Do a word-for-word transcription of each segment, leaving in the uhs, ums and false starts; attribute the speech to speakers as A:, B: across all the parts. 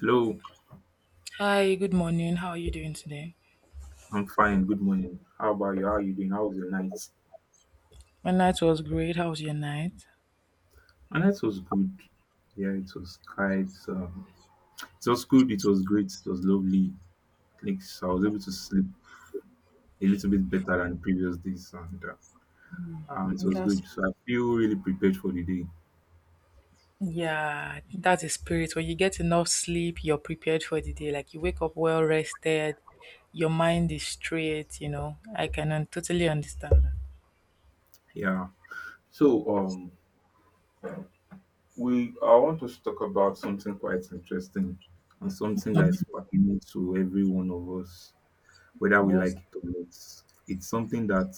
A: Hello,
B: Hi, good morning. How are you doing today?
A: I'm fine. Good morning. How about you? How are you doing? How was your night?
B: My night was great. How was your night?
A: My night was good. Yeah, it was quite. Um, it was good. It was great. It was lovely. Like so I was able to sleep a little bit better than previous days, and uh, um, it was
B: That's
A: good. So I feel really prepared for the day.
B: Yeah, that's a spirit. When you get enough sleep, you're prepared for the day. Like you wake up well rested, your mind is straight, you know. I can un- totally understand that.
A: Yeah. So um, we I want us to talk about something quite interesting and something that is pertinent to every one of us, whether we
B: What's
A: like it or not. It's something that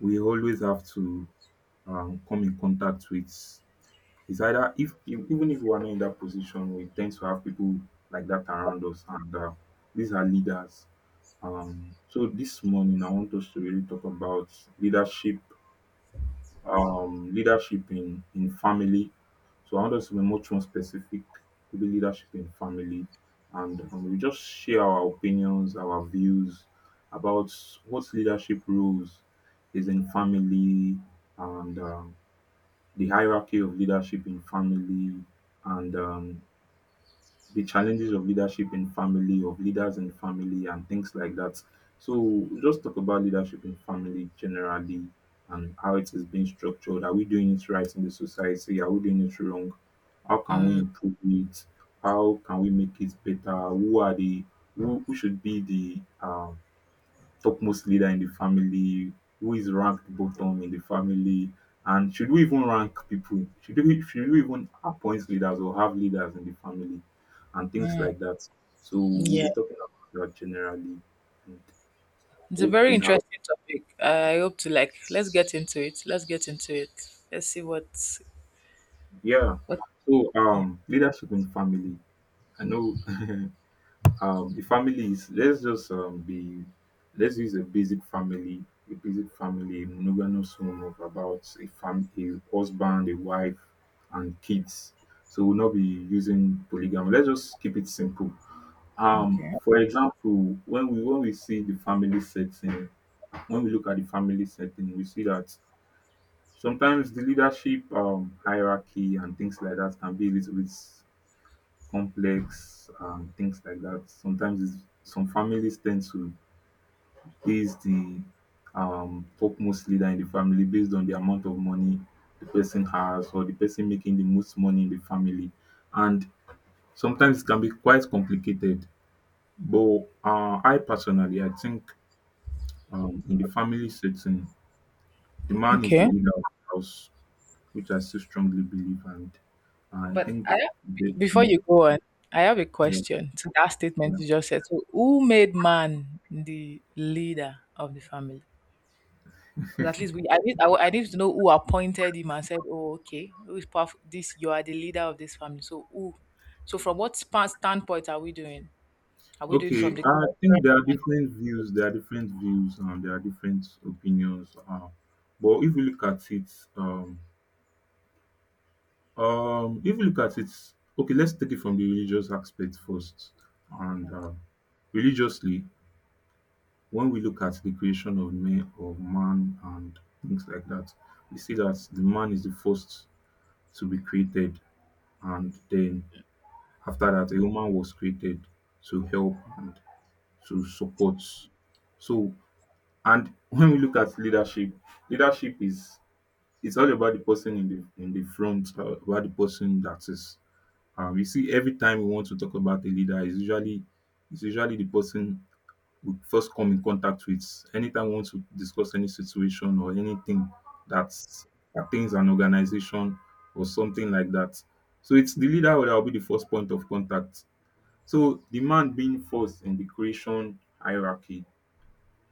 A: we always have to um, come in contact with is either if you even if we are not in that position, we tend to have people like that around us, and uh, these are leaders. Um, so this morning, I want us to really talk about leadership, um, leadership in in family. So I want us to be much more specific, maybe leadership in family, and um, we just share our opinions, our views about what leadership roles is in family, and um, the hierarchy of leadership in family and um, the challenges of leadership in family, of leaders in family, and things like that. So, just talk about leadership in family generally and how it is being structured. Are we doing it right in the society? Are we doing it wrong? How can we
B: Mm,
A: improve it? How can we make it better? Who are the who, who should be the um, topmost leader in the family, who is ranked bottom in the family, and should we even rank people? Should we should we even appoint leaders or have leaders in the family and things like that? So we'll
B: yeah.
A: be talking about that generally and
B: It's a
A: hope
B: very
A: we have
B: interesting topic. I hope to like let's get into it. Let's get into it. Let's see what
A: yeah.
B: what
A: So
B: Yeah.
A: um leadership in family. I know um the family is let's just um be let's use a basic family a basic family a monogamous home of about a family a husband a wife and kids so we'll not be using polygamy let's just keep it simple um
B: Okay.
A: for example when we when we see the family setting when we look at the family setting we see that sometimes the leadership um hierarchy and things like that can be a little bit complex um, things like that. Sometimes it's, some families tend to base the um, topmost leader in the family based on the amount of money the person has or the person making the most money in the family. And sometimes it can be quite complicated. But uh, I personally, I think um, in the family setting, the man is the
B: Okay.
A: leader of the house, which I still strongly believe. And I
B: But
A: think,
B: I have,
A: they,
B: before
A: yeah,
B: you go on, I have a question to that
A: yeah.
B: statement you just said. So, who made man the leader of the family? Because at least we, I need, I, wa- I need to know who appointed him and said, "Oh, okay, who is powerful? This you are the leader of this family." So, who? So, from what span, standpoint are we doing? Are we doing from
A: Okay,
B: the
A: I think
B: culture?
A: there are different views, there are different views, and there are different opinions. Um, but if you look at it, um, um, if you look at it, okay, let's take it from the religious aspect first. And uh, Religiously, when we look at the creation of man, of man, and things like that, we see that the man is the first to be created, and then after that, a woman was created to help and to support. So and when we look at leadership, leadership is it's all about the person in the in the front, uh, about the person that is. Um, you see, every time we want to talk about a leader, is usually it's usually the person we first come in contact with. Anytime we want to discuss any situation or anything that pertains an organization or something like that. So it's the leader that will be the first point of contact. So the man being first in the creation hierarchy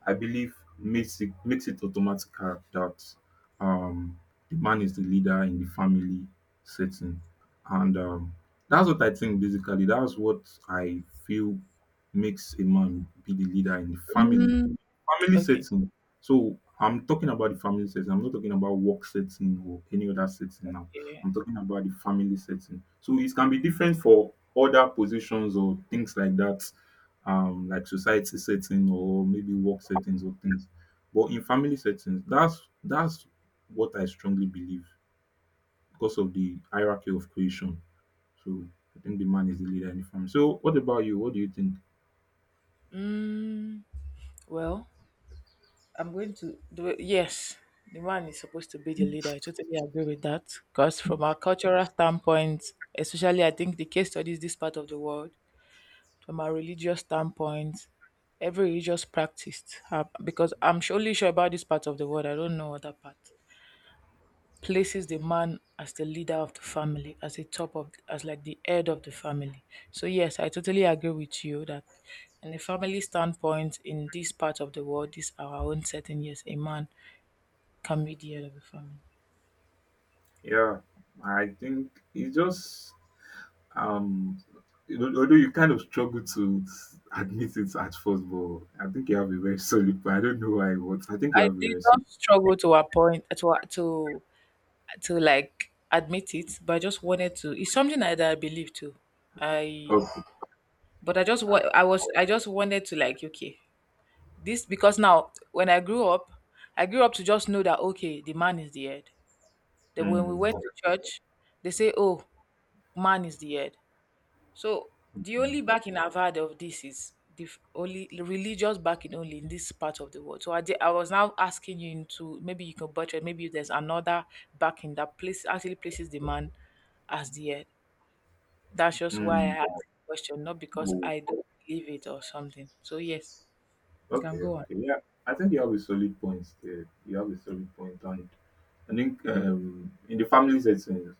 A: I believe makes it makes it automatic that um the man is the leader in the family setting. And um that's what I think basically. That's what I feel makes a man be the leader in the family.
B: Mm,
A: Family
B: okay.
A: setting. So I'm talking about the family setting. I'm not talking about work setting or any other setting now.
B: Yeah.
A: I'm talking about the family setting. So it can be different for other positions or things like that um like society setting or maybe work settings or things. But in family settings, that's that's what I strongly believe because of the hierarchy of creation. So I think the man is the leader in the family. So what about you? What do you think?
B: Mm, well. I'm going to do it. Yes, the man is supposed to be the leader. I totally agree with that. Because from our cultural standpoint, especially I think the case studies this part of the world, from our religious standpoint, every religious practice, uh, because I'm surely sure about this part of the world, I don't know other part, places the man as the leader of the family, as the top of, as like the head of the family. So yes, I totally agree with you that in a family standpoint, in this part of the world, this our own setting, yes, a man can be the head of the family.
A: Yeah, I think it's just um al- although you kind of struggle to admit it at first, but I think you have a very solid plan. I don't know why, but I think you
B: I
A: have a
B: did
A: very solid.
B: not struggle to appoint to to to like admit it, but I just wanted to. It's something that I believe too. I
A: Okay.
B: But I just wa- I was I just wanted to like okay this because now when I grew up, I grew up to just know that okay the man is the head. That when we
A: Hmm.
B: went to church, they say oh man is the head. So the only backing I've had of this is the f- only religious backing only in this part of the world. So I did, I was now asking you into maybe you can butcher it, maybe there's another backing that place actually places the man as the head. That's just why
A: Hmm.
B: I asked the question, not because I don't believe it or something. So yes, you can
A: Okay,
B: go on.
A: okay. Yeah, I think you have a solid point there. You have a solid point, and I think um, in the family setting,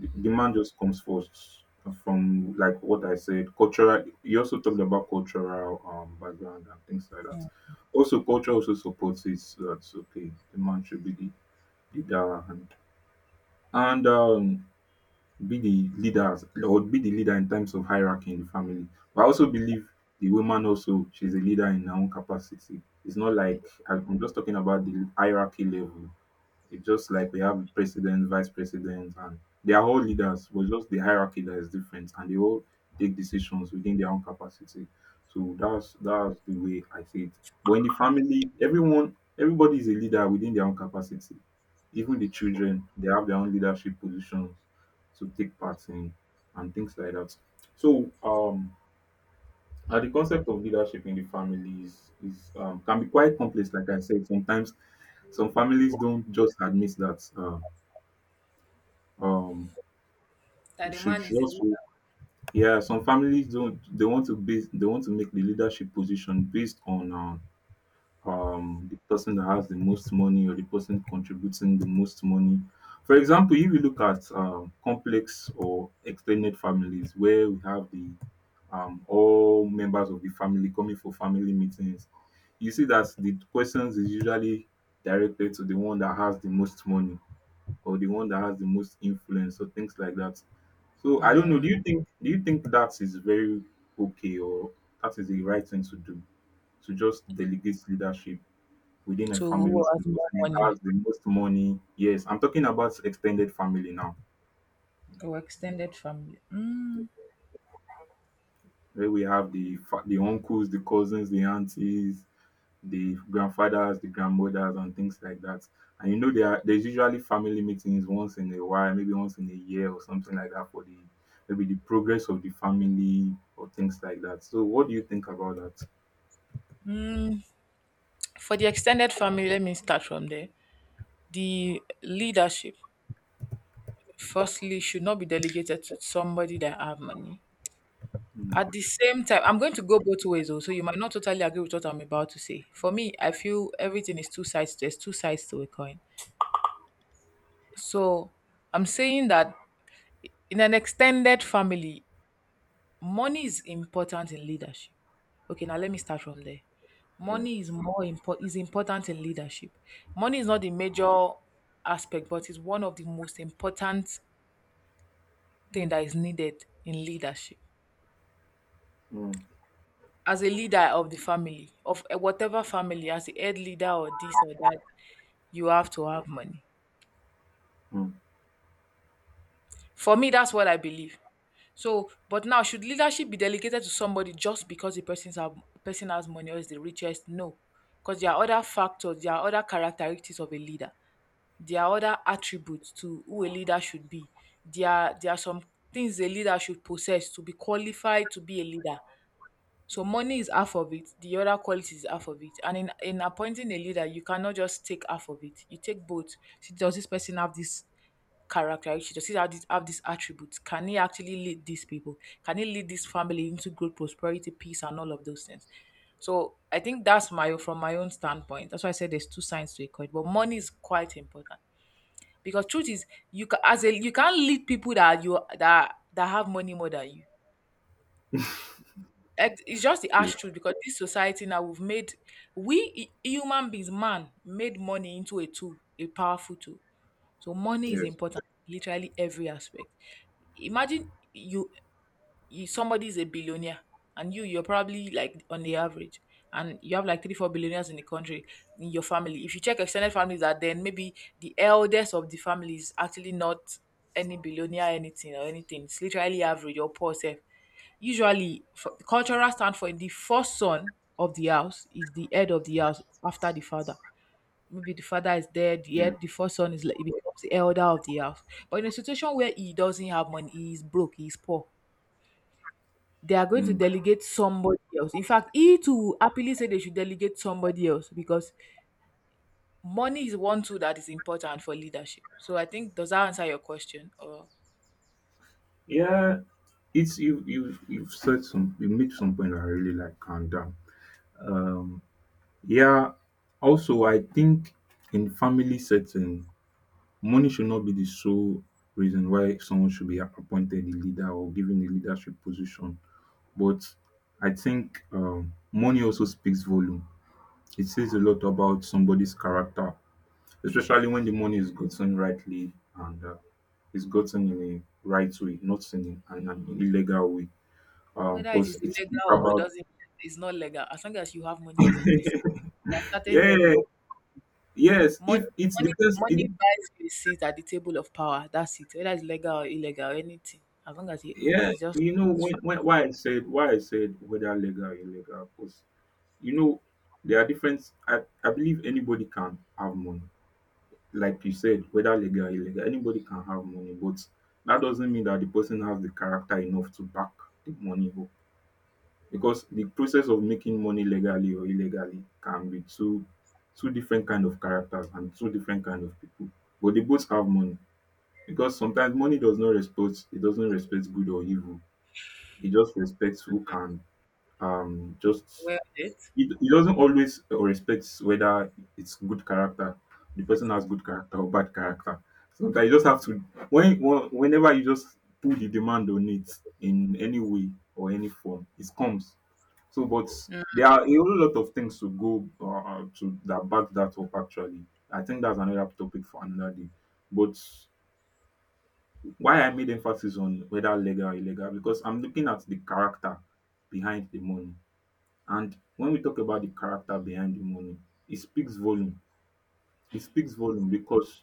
A: the the man just comes first from like what I said. Cultural. You also talked about cultural um, background and things like that. Also, culture also supports it. So that's okay. The man should be the leader, and and um, be the leaders or be the leader in terms of hierarchy in the family. But I also believe the woman also she's a leader in her own capacity. It's not like I'm I'm just talking about the hierarchy level. It's just like we have president, vice president, and they are all leaders, but just the hierarchy that is different, and they all take decisions within their own capacity. So that's that's the way I see it. But in the family, everyone, everybody is a leader within their own capacity. Even the children, they have their own leadership positions to take part in, and things like that. So um, and the concept of leadership in the family is, is um, can be quite complex, like I said. Sometimes some families don't just admit that uh, um, we
B: That the
A: should
B: man is the leader.
A: just yeah. Some families don't. They want to base. They want to make the leadership position based on uh, um, the person that has the most money or the person contributing the most money. For example, if you look at um, complex or extended families where we have the um, all members of the family coming for family meetings, you see that the questions is usually directed to the one that has the most money or the one that has the most influence or things like that. So I don't know.
B: Mm,
A: Do you think do you think that is very okay or that is the right thing to do to just delegate leadership within a
B: to
A: family
B: who
A: the
B: has more
A: person who
B: money
A: has the most money. Yes, I'm talking about extended family now.
B: or extended family? Mm.
A: Where we have the fa- the uncles, the cousins, the aunties, the grandfathers, the grandmothers, and things like that. And you know there are, there's usually family meetings once in a while, maybe once in a year or something like that for the maybe the progress of the family or things like that. So what do you think about that?
B: For the extended family, let me start from there. The leadership firstly should not be delegated to somebody that have money.
A: Mm,
B: At the same time, I'm going to go both ways though, so you might not totally agree with what I'm about to say. For me, I feel everything is two sides. There's two sides to a coin. So I'm saying that in an extended family, money is important in leadership. Okay, now let me start from there.
A: yeah.
B: Money is more important is important in leadership. Money is not the major aspect, but it's one of the most important thing that is needed in leadership.
A: Mm,
B: As a leader of the family of eh, whatever family, as a head leader or this or that, you have to have money.
A: mm.
B: For me, that's what I believe. So, but now should leadership be delegated to somebody just because the person's have, person has money or is the richest? No. Because there are other factors, there are other characteristics of a leader, there are other attributes to who a leader should be, there are, there are some things a leader should possess to be qualified to be a leader. So money is half of it, the other quality is half of it. And in, in appointing a leader, you cannot just take half of it. You take both. See, does this person have this characteristic? Does he have this, have this attribute? Can he actually lead these people? Can he lead this family into growth, prosperity, peace, and all of those things? So I think that's my from my own standpoint. That's why I said there's two sides to a coin, but money is quite important because truth is you can as a you can't lead people that you that that have money more than you. Ex- it's just the harsh
A: Yeah.
B: truth because this society now we've made we hu- human beings, man made money into a tool, a powerful tool. So money is
A: Yes.
B: important in literally every aspect. Imagine you you somebody's a billionaire, and you you're probably like on the average, and you have like three four billionaires in the country, in your family. If you check extended families, that then maybe the eldest of the family is actually not any billionaire anything or anything, it's literally average or poor self. Usually, for, cultural stand for the first son of the house is the head of the house after the father. Maybe the father is dead,
A: Yeah.
B: yet the first son is like he becomes the elder of the house. But in a situation where he doesn't have money, he is broke, he is poor, they are going to
A: Mm.
B: delegate somebody else. In fact, he too will happily say they should delegate somebody else because money is one tool that is important for leadership. So I think does that answer your question, or
A: Yeah, it's you you you've said some you made some point that I really like and um, um yeah also I think in family setting money should not be the sole reason why someone should be appointed a leader or given a leadership position but I think um money also speaks volume. It says a lot about somebody's character, especially when the money is gotten rightly and uh, is gotten in a right way, not in an, an illegal way
B: whether it
A: because
B: is
A: it's
B: illegal or it
A: about
B: doesn't, it's not legal. As long as you have money as a person, there are certain doors
A: yeah
B: you open.
A: yes if
B: Money,
A: it's
B: money,
A: because it,
B: money buys you a seat at the table of power. That's it. Whether it's legal or illegal or anything, as long as you
A: yeah
B: it's just
A: you know
B: it's
A: when,
B: fine.
A: when why i said why I said whether legal or illegal because you know there are different I, I believe anybody can have money like you said whether legal or illegal anybody can have money but that doesn't mean that the person has the character enough to back the money up because the process of making money legally or illegally can be two two different kind of characters and two different kind of people but they both have money. Because sometimes money does not respect, it doesn't respect good or evil. It just respects who can um just
B: Well, it.
A: it, it doesn't always respect whether it's good character. The person has good character or bad character. Sometimes you just have to when when- whenever you just put the demand on it in any way or any form, it comes. So, but
B: Mm,
A: there are a whole lot of things to go uh, to that back that up. Actually, I think that's another topic for another day. But why I made emphasis on whether legal or illegal because I'm looking at the character behind the money. And when we talk about the character behind the money, it speaks volume. It speaks volume because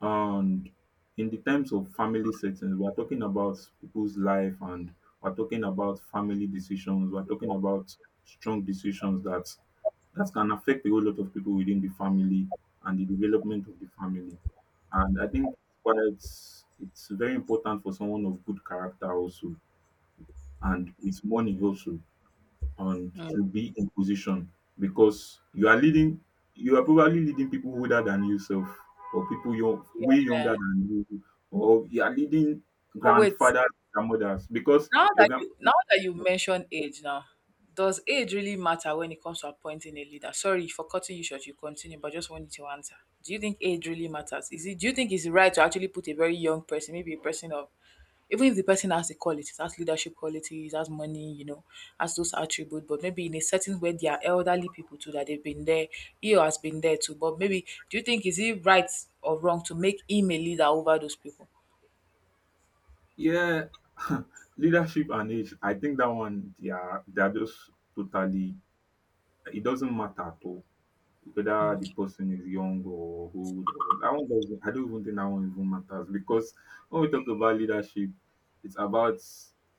A: and in the terms of family settings, we're talking about people's life and we're talking about family decisions. We're talking about strong decisions that that can affect a whole lot of people within the family and the development of the family. And I think quite it's very important for someone of good character also and with money also and
B: mm,
A: to be in position because you are leading you are probably leading people older than yourself or people you're way younger
B: yeah.
A: than you or you are leading
B: Oh wait,
A: grandfathers grandmothers because
B: Now
A: your
B: that
A: grand
B: you now that you mention age now, does age really matter when it comes to appointing a leader? Sorry for cutting you short, you continue, but just wanted to answer. Do you think age really matters? Is it Do you think it's right to actually put a very young person, maybe a person of even if the person has the qualities, has leadership qualities, has money, you know, has those attributes, but maybe in a setting where there are elderly people too that they've been there, he or has been there too. But maybe do you think is it right or wrong to make him a leader over those people?
A: yeah. Leadership and age, I think that one, they are they are just totally, it doesn't matter at all whether the
B: Okay.
A: person is young or old. Or that one doesn't, I don't even think that one even matters. Because when we talk about leadership, it's about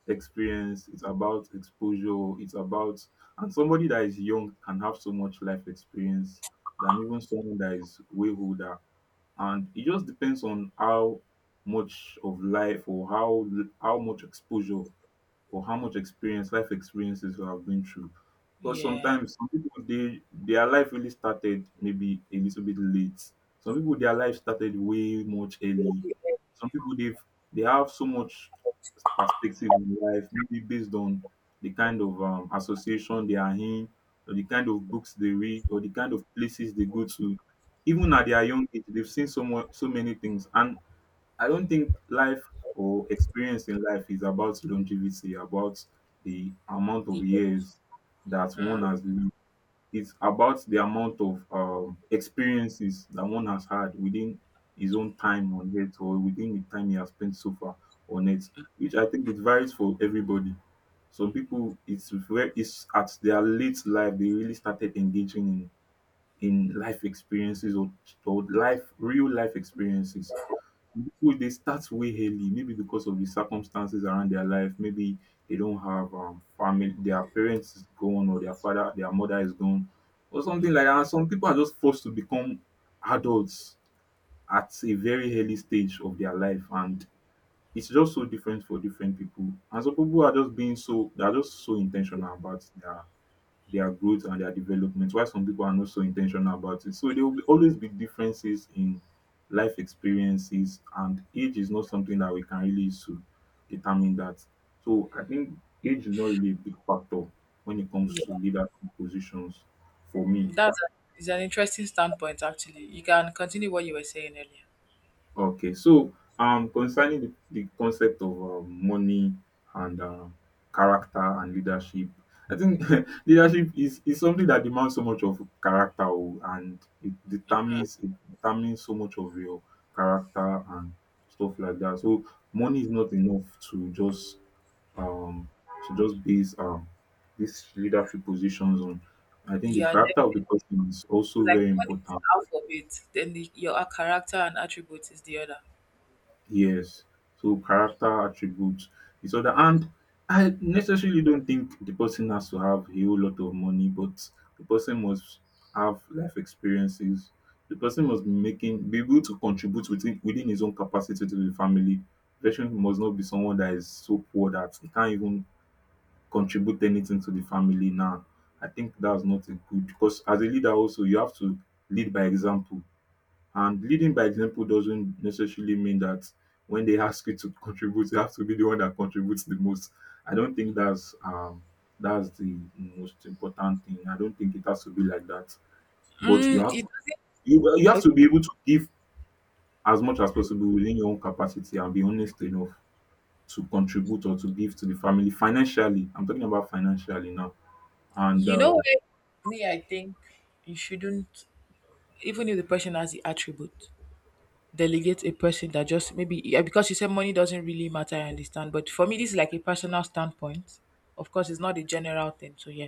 A: experience, it's about exposure, it's about, and somebody that is young can have so much life experience than even someone that is way older. And it just depends on how much of life or how how much exposure or how much experience, life experiences you have been through. Because
B: Yeah.
A: sometimes some people, they, their life really started maybe a little bit late. Some people their life started way much early. Some people they've they have so much perspective in life, maybe based on the kind of um, association they are in, or the kind of books they read, or the kind of places they go to. Even at their young age, they've seen so much, so many things, and I don't think life or experience in life is about longevity, about the amount of
B: Yeah.
A: years that one has lived. It's about the amount of um, experiences that one has had within his own time on earth or within the time he has spent so far on earth, which I think it varies for everybody. Some people, it's very, it's at their late life they really started engaging in in life experiences, or, or life, real life experiences. People they start way early maybe because of the circumstances around their life, maybe they don't have um, family, their parents is gone, or their father, their mother is gone or something like that. And some people are just forced to become adults at a very early stage of their life. And it's just so different for different people. And some people are just being so, they are just so intentional about their their growth and their development, while some people are not so intentional about it. So there will be, always be differences in life experiences, and age is not something that we can really use to determine that. So I think age is not really a big factor when it comes to leadership positions, for me.
B: That's a, is an interesting standpoint, actually. You can continue what you were saying earlier.
A: Okay, so um concerning the, the concept of um, money and um, character and leadership, I think leadership is, is something that demands so much of character, oh, and it determines, it determines so much of your character and stuff like that. So money is not enough to just um to just base um these leadership positions on. I think the
B: Yeah,
A: character of
B: definitely.
A: the person is also
B: Like
A: very
B: one is
A: important.
B: alphabet, then the, your a- character and attribute is the other.
A: Yes. So character attributes. It's the other, and I necessarily don't think the person has to have a whole lot of money, but the person must have life experiences. The person must be making, be able to contribute within within his own capacity to the family. The person must not be someone that is so poor that he can't even contribute anything to the family now. I think that's not a good, because as a leader also you have to lead by example, and leading by example doesn't necessarily mean that when they ask you to contribute, you have to be the one that contributes the most. I don't think that's um that's the most important thing. I don't think it has to be like that. But
B: Mm,
A: you have to,
B: it,
A: you, well, you have
B: okay.
A: to be able to give as much as possible within your own capacity, and be honest enough to contribute or to give to the family financially. I'm talking about financially now. And
B: You know
A: um,
B: what? Me, I think you shouldn't, even if the person has the attribute, delegate a person that just maybe yeah, because you said money doesn't really matter. I understand, but for me, this is like a personal standpoint. Of course, it's not a general thing. So yeah,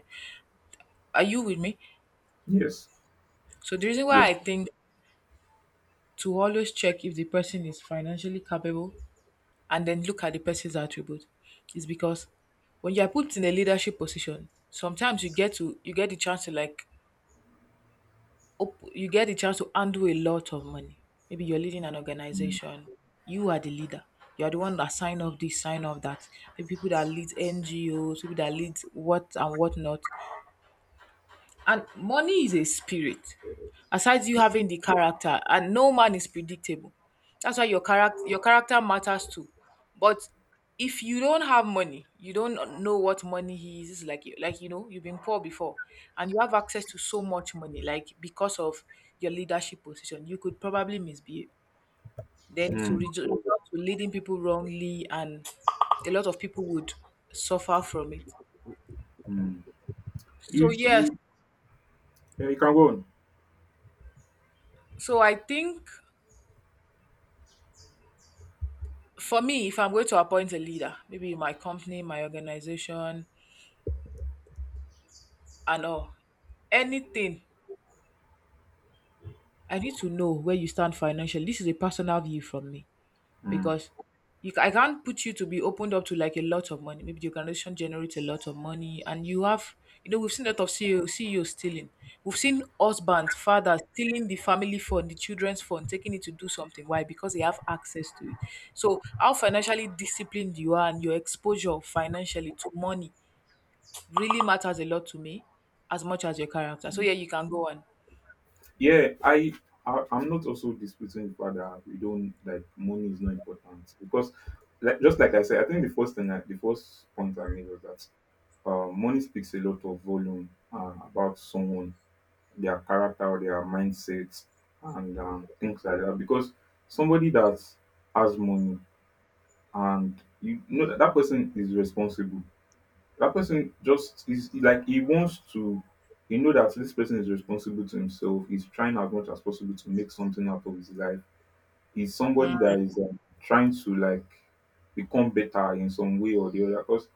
B: are you with me?
A: yes,
B: So the reason why
A: yes.
B: I think to always check if the person is financially capable and then look at the person's attribute is because when you are put in a leadership position, sometimes you get to you get the chance to like op- you get the chance to undo a lot of money. Maybe you're leading an
A: Mm,
B: organization, you are the leader. You are the one that sign off this, sign off that. The people that lead N G Os, people that lead what and what not. And money is a spirit. Aside you having the character, and no man is predictable. That's why your character your character matters too. But if you don't have money, you don't know what money is. It's like you- like you know, you've been poor before, and you have access to so much money. Like because of your leadership position, you could probably misbehave. Then it will
A: mm,
B: result to leading people wrongly, and a lot of people would suffer from it.
A: mm.
B: So
A: You
B: yes,
A: you yeah, you can go on.
B: so I think. For me, if I'm going to appoint a leader, maybe in my company, my organization, and all, anything, I need to know where you stand financially. This is a personal view from me
A: Mm.
B: because you, ca- I can't put you to be opened up to like a lot of money. Maybe the organization generates a lot of money, and you have, you know, we've seen a lot of C E O, C E O stealing. We've seen husbands, fathers stealing the family fund, the children's fund, taking it to do something. Why? Because they have access to it. So, how financially disciplined you are and your exposure financially to money really matters a lot to me as much as your character. So yeah, you can go on.
A: Yeah, I, I I'm not also disputing the fact that we don't, like, money is not important, because like just like I said, I think the first thing I, the first point I made was that uh, money speaks a lot of volume uh, about someone, their character, their mindset, and um, things like that. Because somebody that has money, and you know that, that person is responsible, that person just is is like he wants to, he know that this person is responsible to himself. He's trying as much as possible to make something out of his life. He's somebody that is um, trying to, like, become better in some way or the other. Because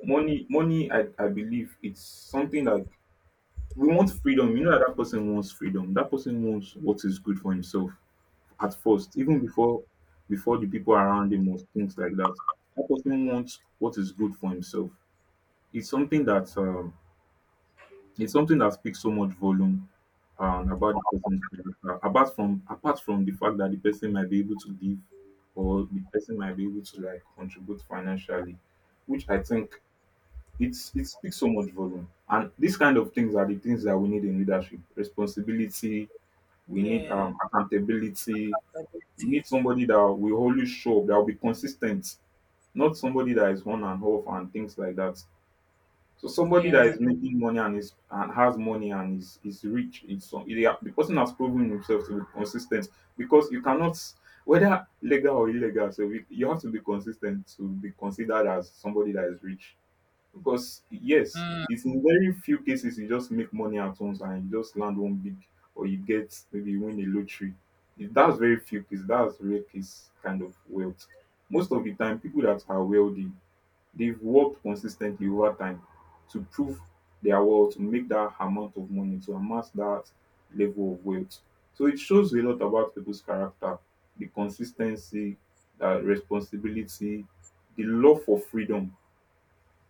A: money, money, I, I believe it's something like we want freedom. You know that that person wants freedom. That person wants what is good for himself at first, even before before the people around him or things like that. That person wants what is good for himself. It's something that um, it's something that speaks so much volume um, about the person's character. Apart from apart from the fact that the person might be able to live, or the person might be able to, like, contribute financially, which I think it's, it speaks so much volume. And these kind of things are the things that we need in leadership: responsibility. We need
B: Yeah.
A: um, accountability. We
B: Ability.
A: need somebody that will always show up, that will be consistent, not somebody that is on and off and things like that. So somebody
B: Yeah.
A: that is making money and is, and has money and is is rich, is some, they are- the person has proven himself to be consistent, because you cannot, whether legal or illegal, so we, you have to be consistent to be considered as somebody that is rich. Because yes, it's in very few cases you just make money at once and you just land one big, or you get, maybe you win a lottery. If that's very few cases, that's rare case kind of wealth. Most of the time people that are wealthy, they've worked consistently over time to prove their worth, to make that amount of money, to amass that level of wealth. So it shows a lot about people's character, the consistency, the responsibility, the love for freedom.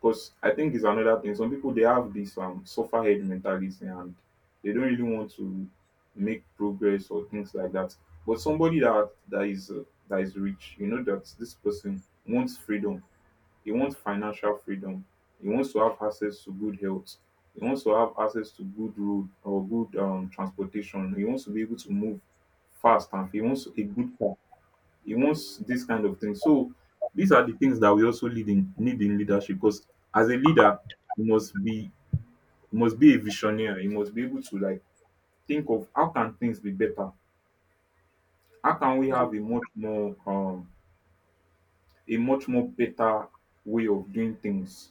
A: Because I think it's another thing. Some people they have this um suffer head mentality, and they don't really want to make progress or things like that. But somebody that that is uh, that is rich, you know that this person wants freedom, he wants financial freedom. He wants to have access to good health. He wants to have access to good road or good um transportation. He wants to be able to move fast, and he wants a good car, he wants this kind of thing. So these are the things that we also need in need in leadership, because as a leader you must be, you must be a visionary, you must be able to, like, think of how can things be better, how can we have a much more um a much more better way of doing things.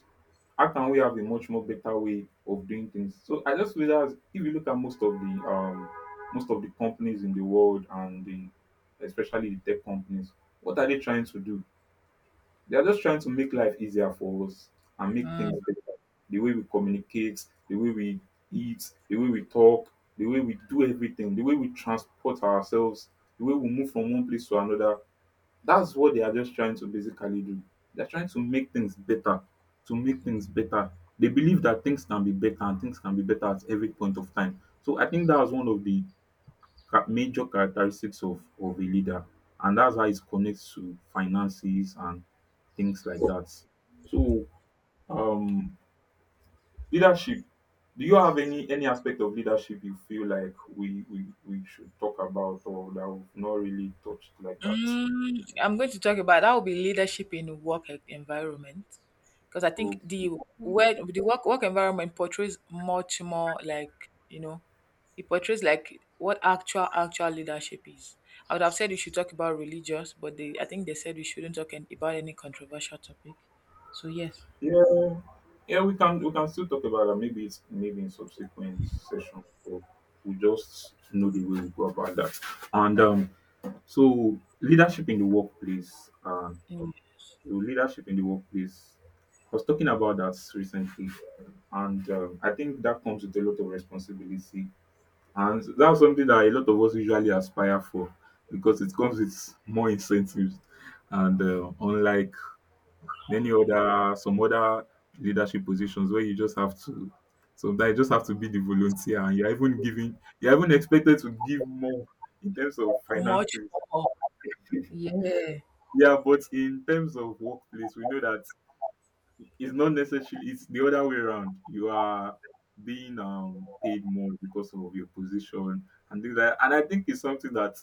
A: How can we have a much more better way of doing things. So I just feel that if you look at most of the um most of the companies in the world, and the, especially the tech companies, what are they trying to do? They are just trying to make life easier for us and make
B: Yeah.
A: things better. The way we communicate, the way we eat, the way we talk, the way we do everything, the way we transport ourselves, the way we move from one place to another. That's what they are just trying to basically do. They're trying to make things better, to make things better. They believe that things can be better, and things can be better at every point of time. So I think that was one of the cha- major characteristics of, of a leader. And that's how it connects to finances and things like that. So um leadership. Do you have any any aspect of leadership you feel like we we, we should talk about, or that we've not really touched like that?
B: Mm, I'm going to talk about that will be leadership in work e- environment because I think
A: Okay.
B: the where the work work environment portrays much more like you know it portrays like what actual actual leadership is. I would have said we should talk about religious, but they I think they said we shouldn't talk an- about any controversial topic. So yes,
A: Yeah, yeah, we can, we can still talk about that. Maybe it's, maybe in subsequent session, or we just know the way we go about that. And um, so leadership in the workplace, uh,
B: mm,
A: leadership in the workplace. I was talking about that recently, and um, I think that comes with a lot of responsibility, and that's something that a lot of us usually aspire for because it comes with more incentives, and uh, unlike many other some other leadership positions where you just have to sometimes you just have to be the volunteer, and you're even giving you're even expected to give more in terms of
B: much
A: finances.
B: more. Yeah.
A: Yeah, but in terms of workplace, we know that it's not necessarily it's the other way around. You are being um paid more because of your position and things like, and I think it's something that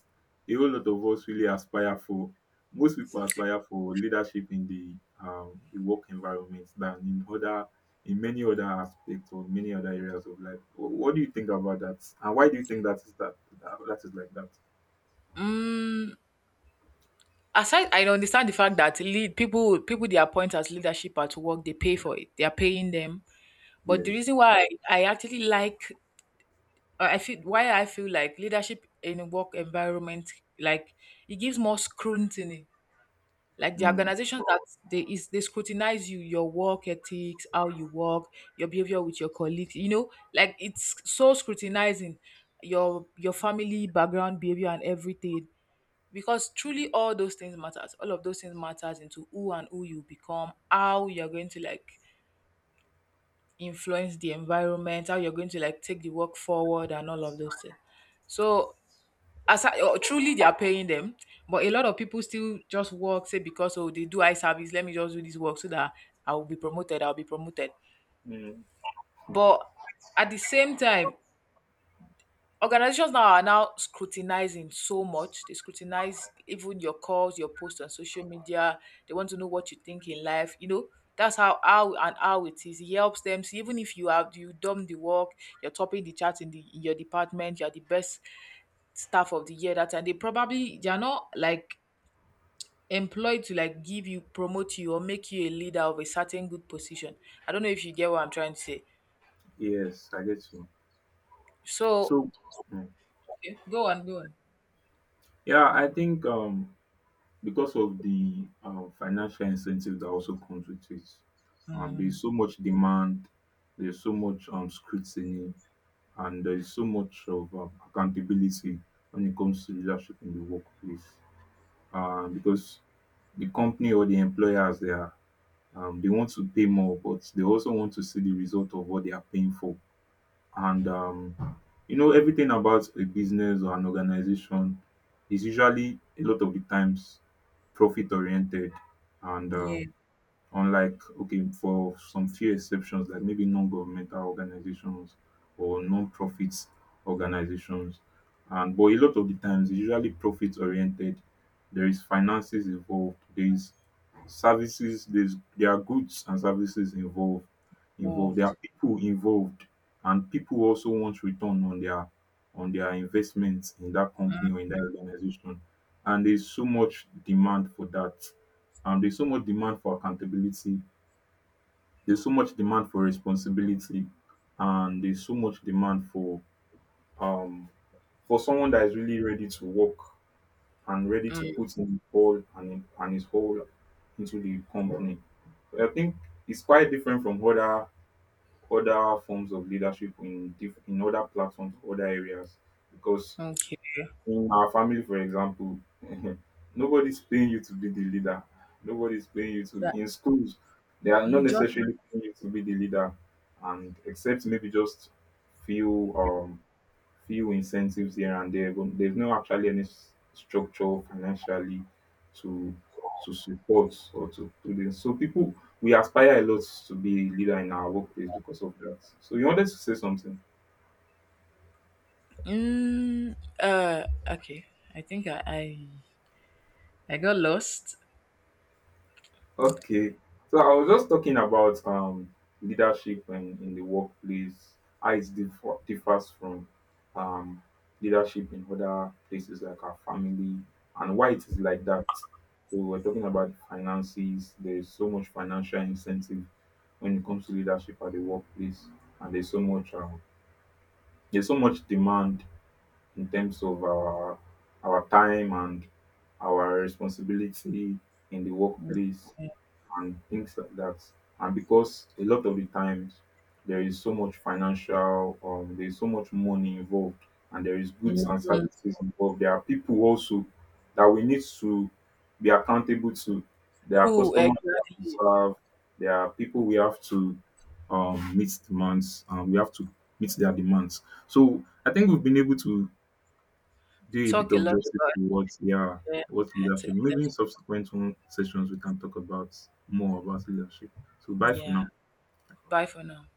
A: a whole lot of us really aspire for. Most people aspire for leadership in the um the work environment than in other in many other aspects or many other areas of life. Wh- what do you think about that, and why do you think that is, that that, that is like that?
B: Aside, I understand the fact that lead people people they appoint as leadership at work, they pay for it. They are paying them. But the
A: Yes.
B: reason why I, I actually like, uh, I feel why I feel like leadership in a work environment like it gives more scrutiny. Like the
A: Mm.
B: organization that they is they scrutinize you, your work ethics, how you work, your behavior with your colleagues, you know, like it's so scrutinizing your your family background, behavior and everything because truly all those things matters all of those things matters into who and who you become, how you're going to like influence the environment, how you're going to like take the work forward, and all of those things. So as I, oh, truly they are paying them, but a lot of people still just work say because oh they do eye service, let me just do this work so that i will be promoted i'll be promoted.
A: Mm.
B: But at the same time, organizations now are now scrutinizing so much. They scrutinize even your calls, your posts on social media. They want to know what you think in life. You know, that's how how and how it is. It helps them. So even if you have you done the work, you're topping the chart in the in your department, you're the best staff of the year that, and they probably they're not like employed to like give you promote you or make you a leader of a certain good position. I don't know if you get what I'm trying to say.
A: Yes, I get you.
B: So
A: So, mm.
B: okay, go on, go on.
A: Yeah, I think um because of the um, financial incentive that also comes with it. Um, there's
B: Um,
A: so much demand, there's so much um, scrutiny, and there's so much of um, accountability when it comes to leadership in the workplace. Um, because the company or the employers, they are um, they want to pay more, but they also want to see the result of what they are paying for. And um, you know, everything about a business or an organization is usually, a lot of the times, profit oriented. And
B: yeah,
A: um, unlike, okay, for some few exceptions, like maybe non-governmental organizations or non-profit organizations. And but a lot of the times it's usually profit oriented. There is finances involved, there is services, there's there are goods and services involved involved. There are
B: involved.
A: people involved, and people also want return on their on their investments in that company or in that organization. And there's so much demand for that, um there's so much demand for accountability, there's so much demand for responsibility, and there's so much demand for um for someone that is really ready to work and ready to put in all, and, and his whole into the company. So I think it's quite different from other other forms of leadership in diff- in other platforms, other areas, because
B: Okay.
A: in our family, for example, nobody's paying you to be the leader, nobody's paying you to
B: So
A: in schools, they are not
B: you just
A: necessarily paying you to be the leader, and except maybe just few um few incentives here and there, but there's no actually any s- structure financially to to support or to do this. So people, we aspire a lot to be a leader in our workplace because of that. So, you wanted to say something?
B: Mm, uh, okay. I think I I, I got lost.
A: Okay. So I was just talking about um, leadership in, in the workplace, how it differ, differs from um, leadership in other places like our family, and why it is like that. So, we were talking about finances. There's so much financial incentive when it comes to leadership at the workplace, and there's so much um, there's so much demand in terms of our our time and our responsibility in the workplace and things like that. And because a lot of the times there is so much financial, um, there is so much money involved, and there is goods and
B: Mm,
A: services involved. There are people also that we need to be accountable to. There are
B: two
A: customers we have to
B: exactly.
A: serve. There are people we have to um, meet demands, and we have to meet their demands. So I think we've been able to do a bit
B: Talk a
A: of
B: lot
A: justice
B: about
A: to what, yeah,
B: yeah,
A: what
B: to
A: leadership, maybe in
B: leadership.
A: subsequent one sessions we can talk about more about leadership. So, bye for
B: Yeah.
A: now.
B: Bye for now.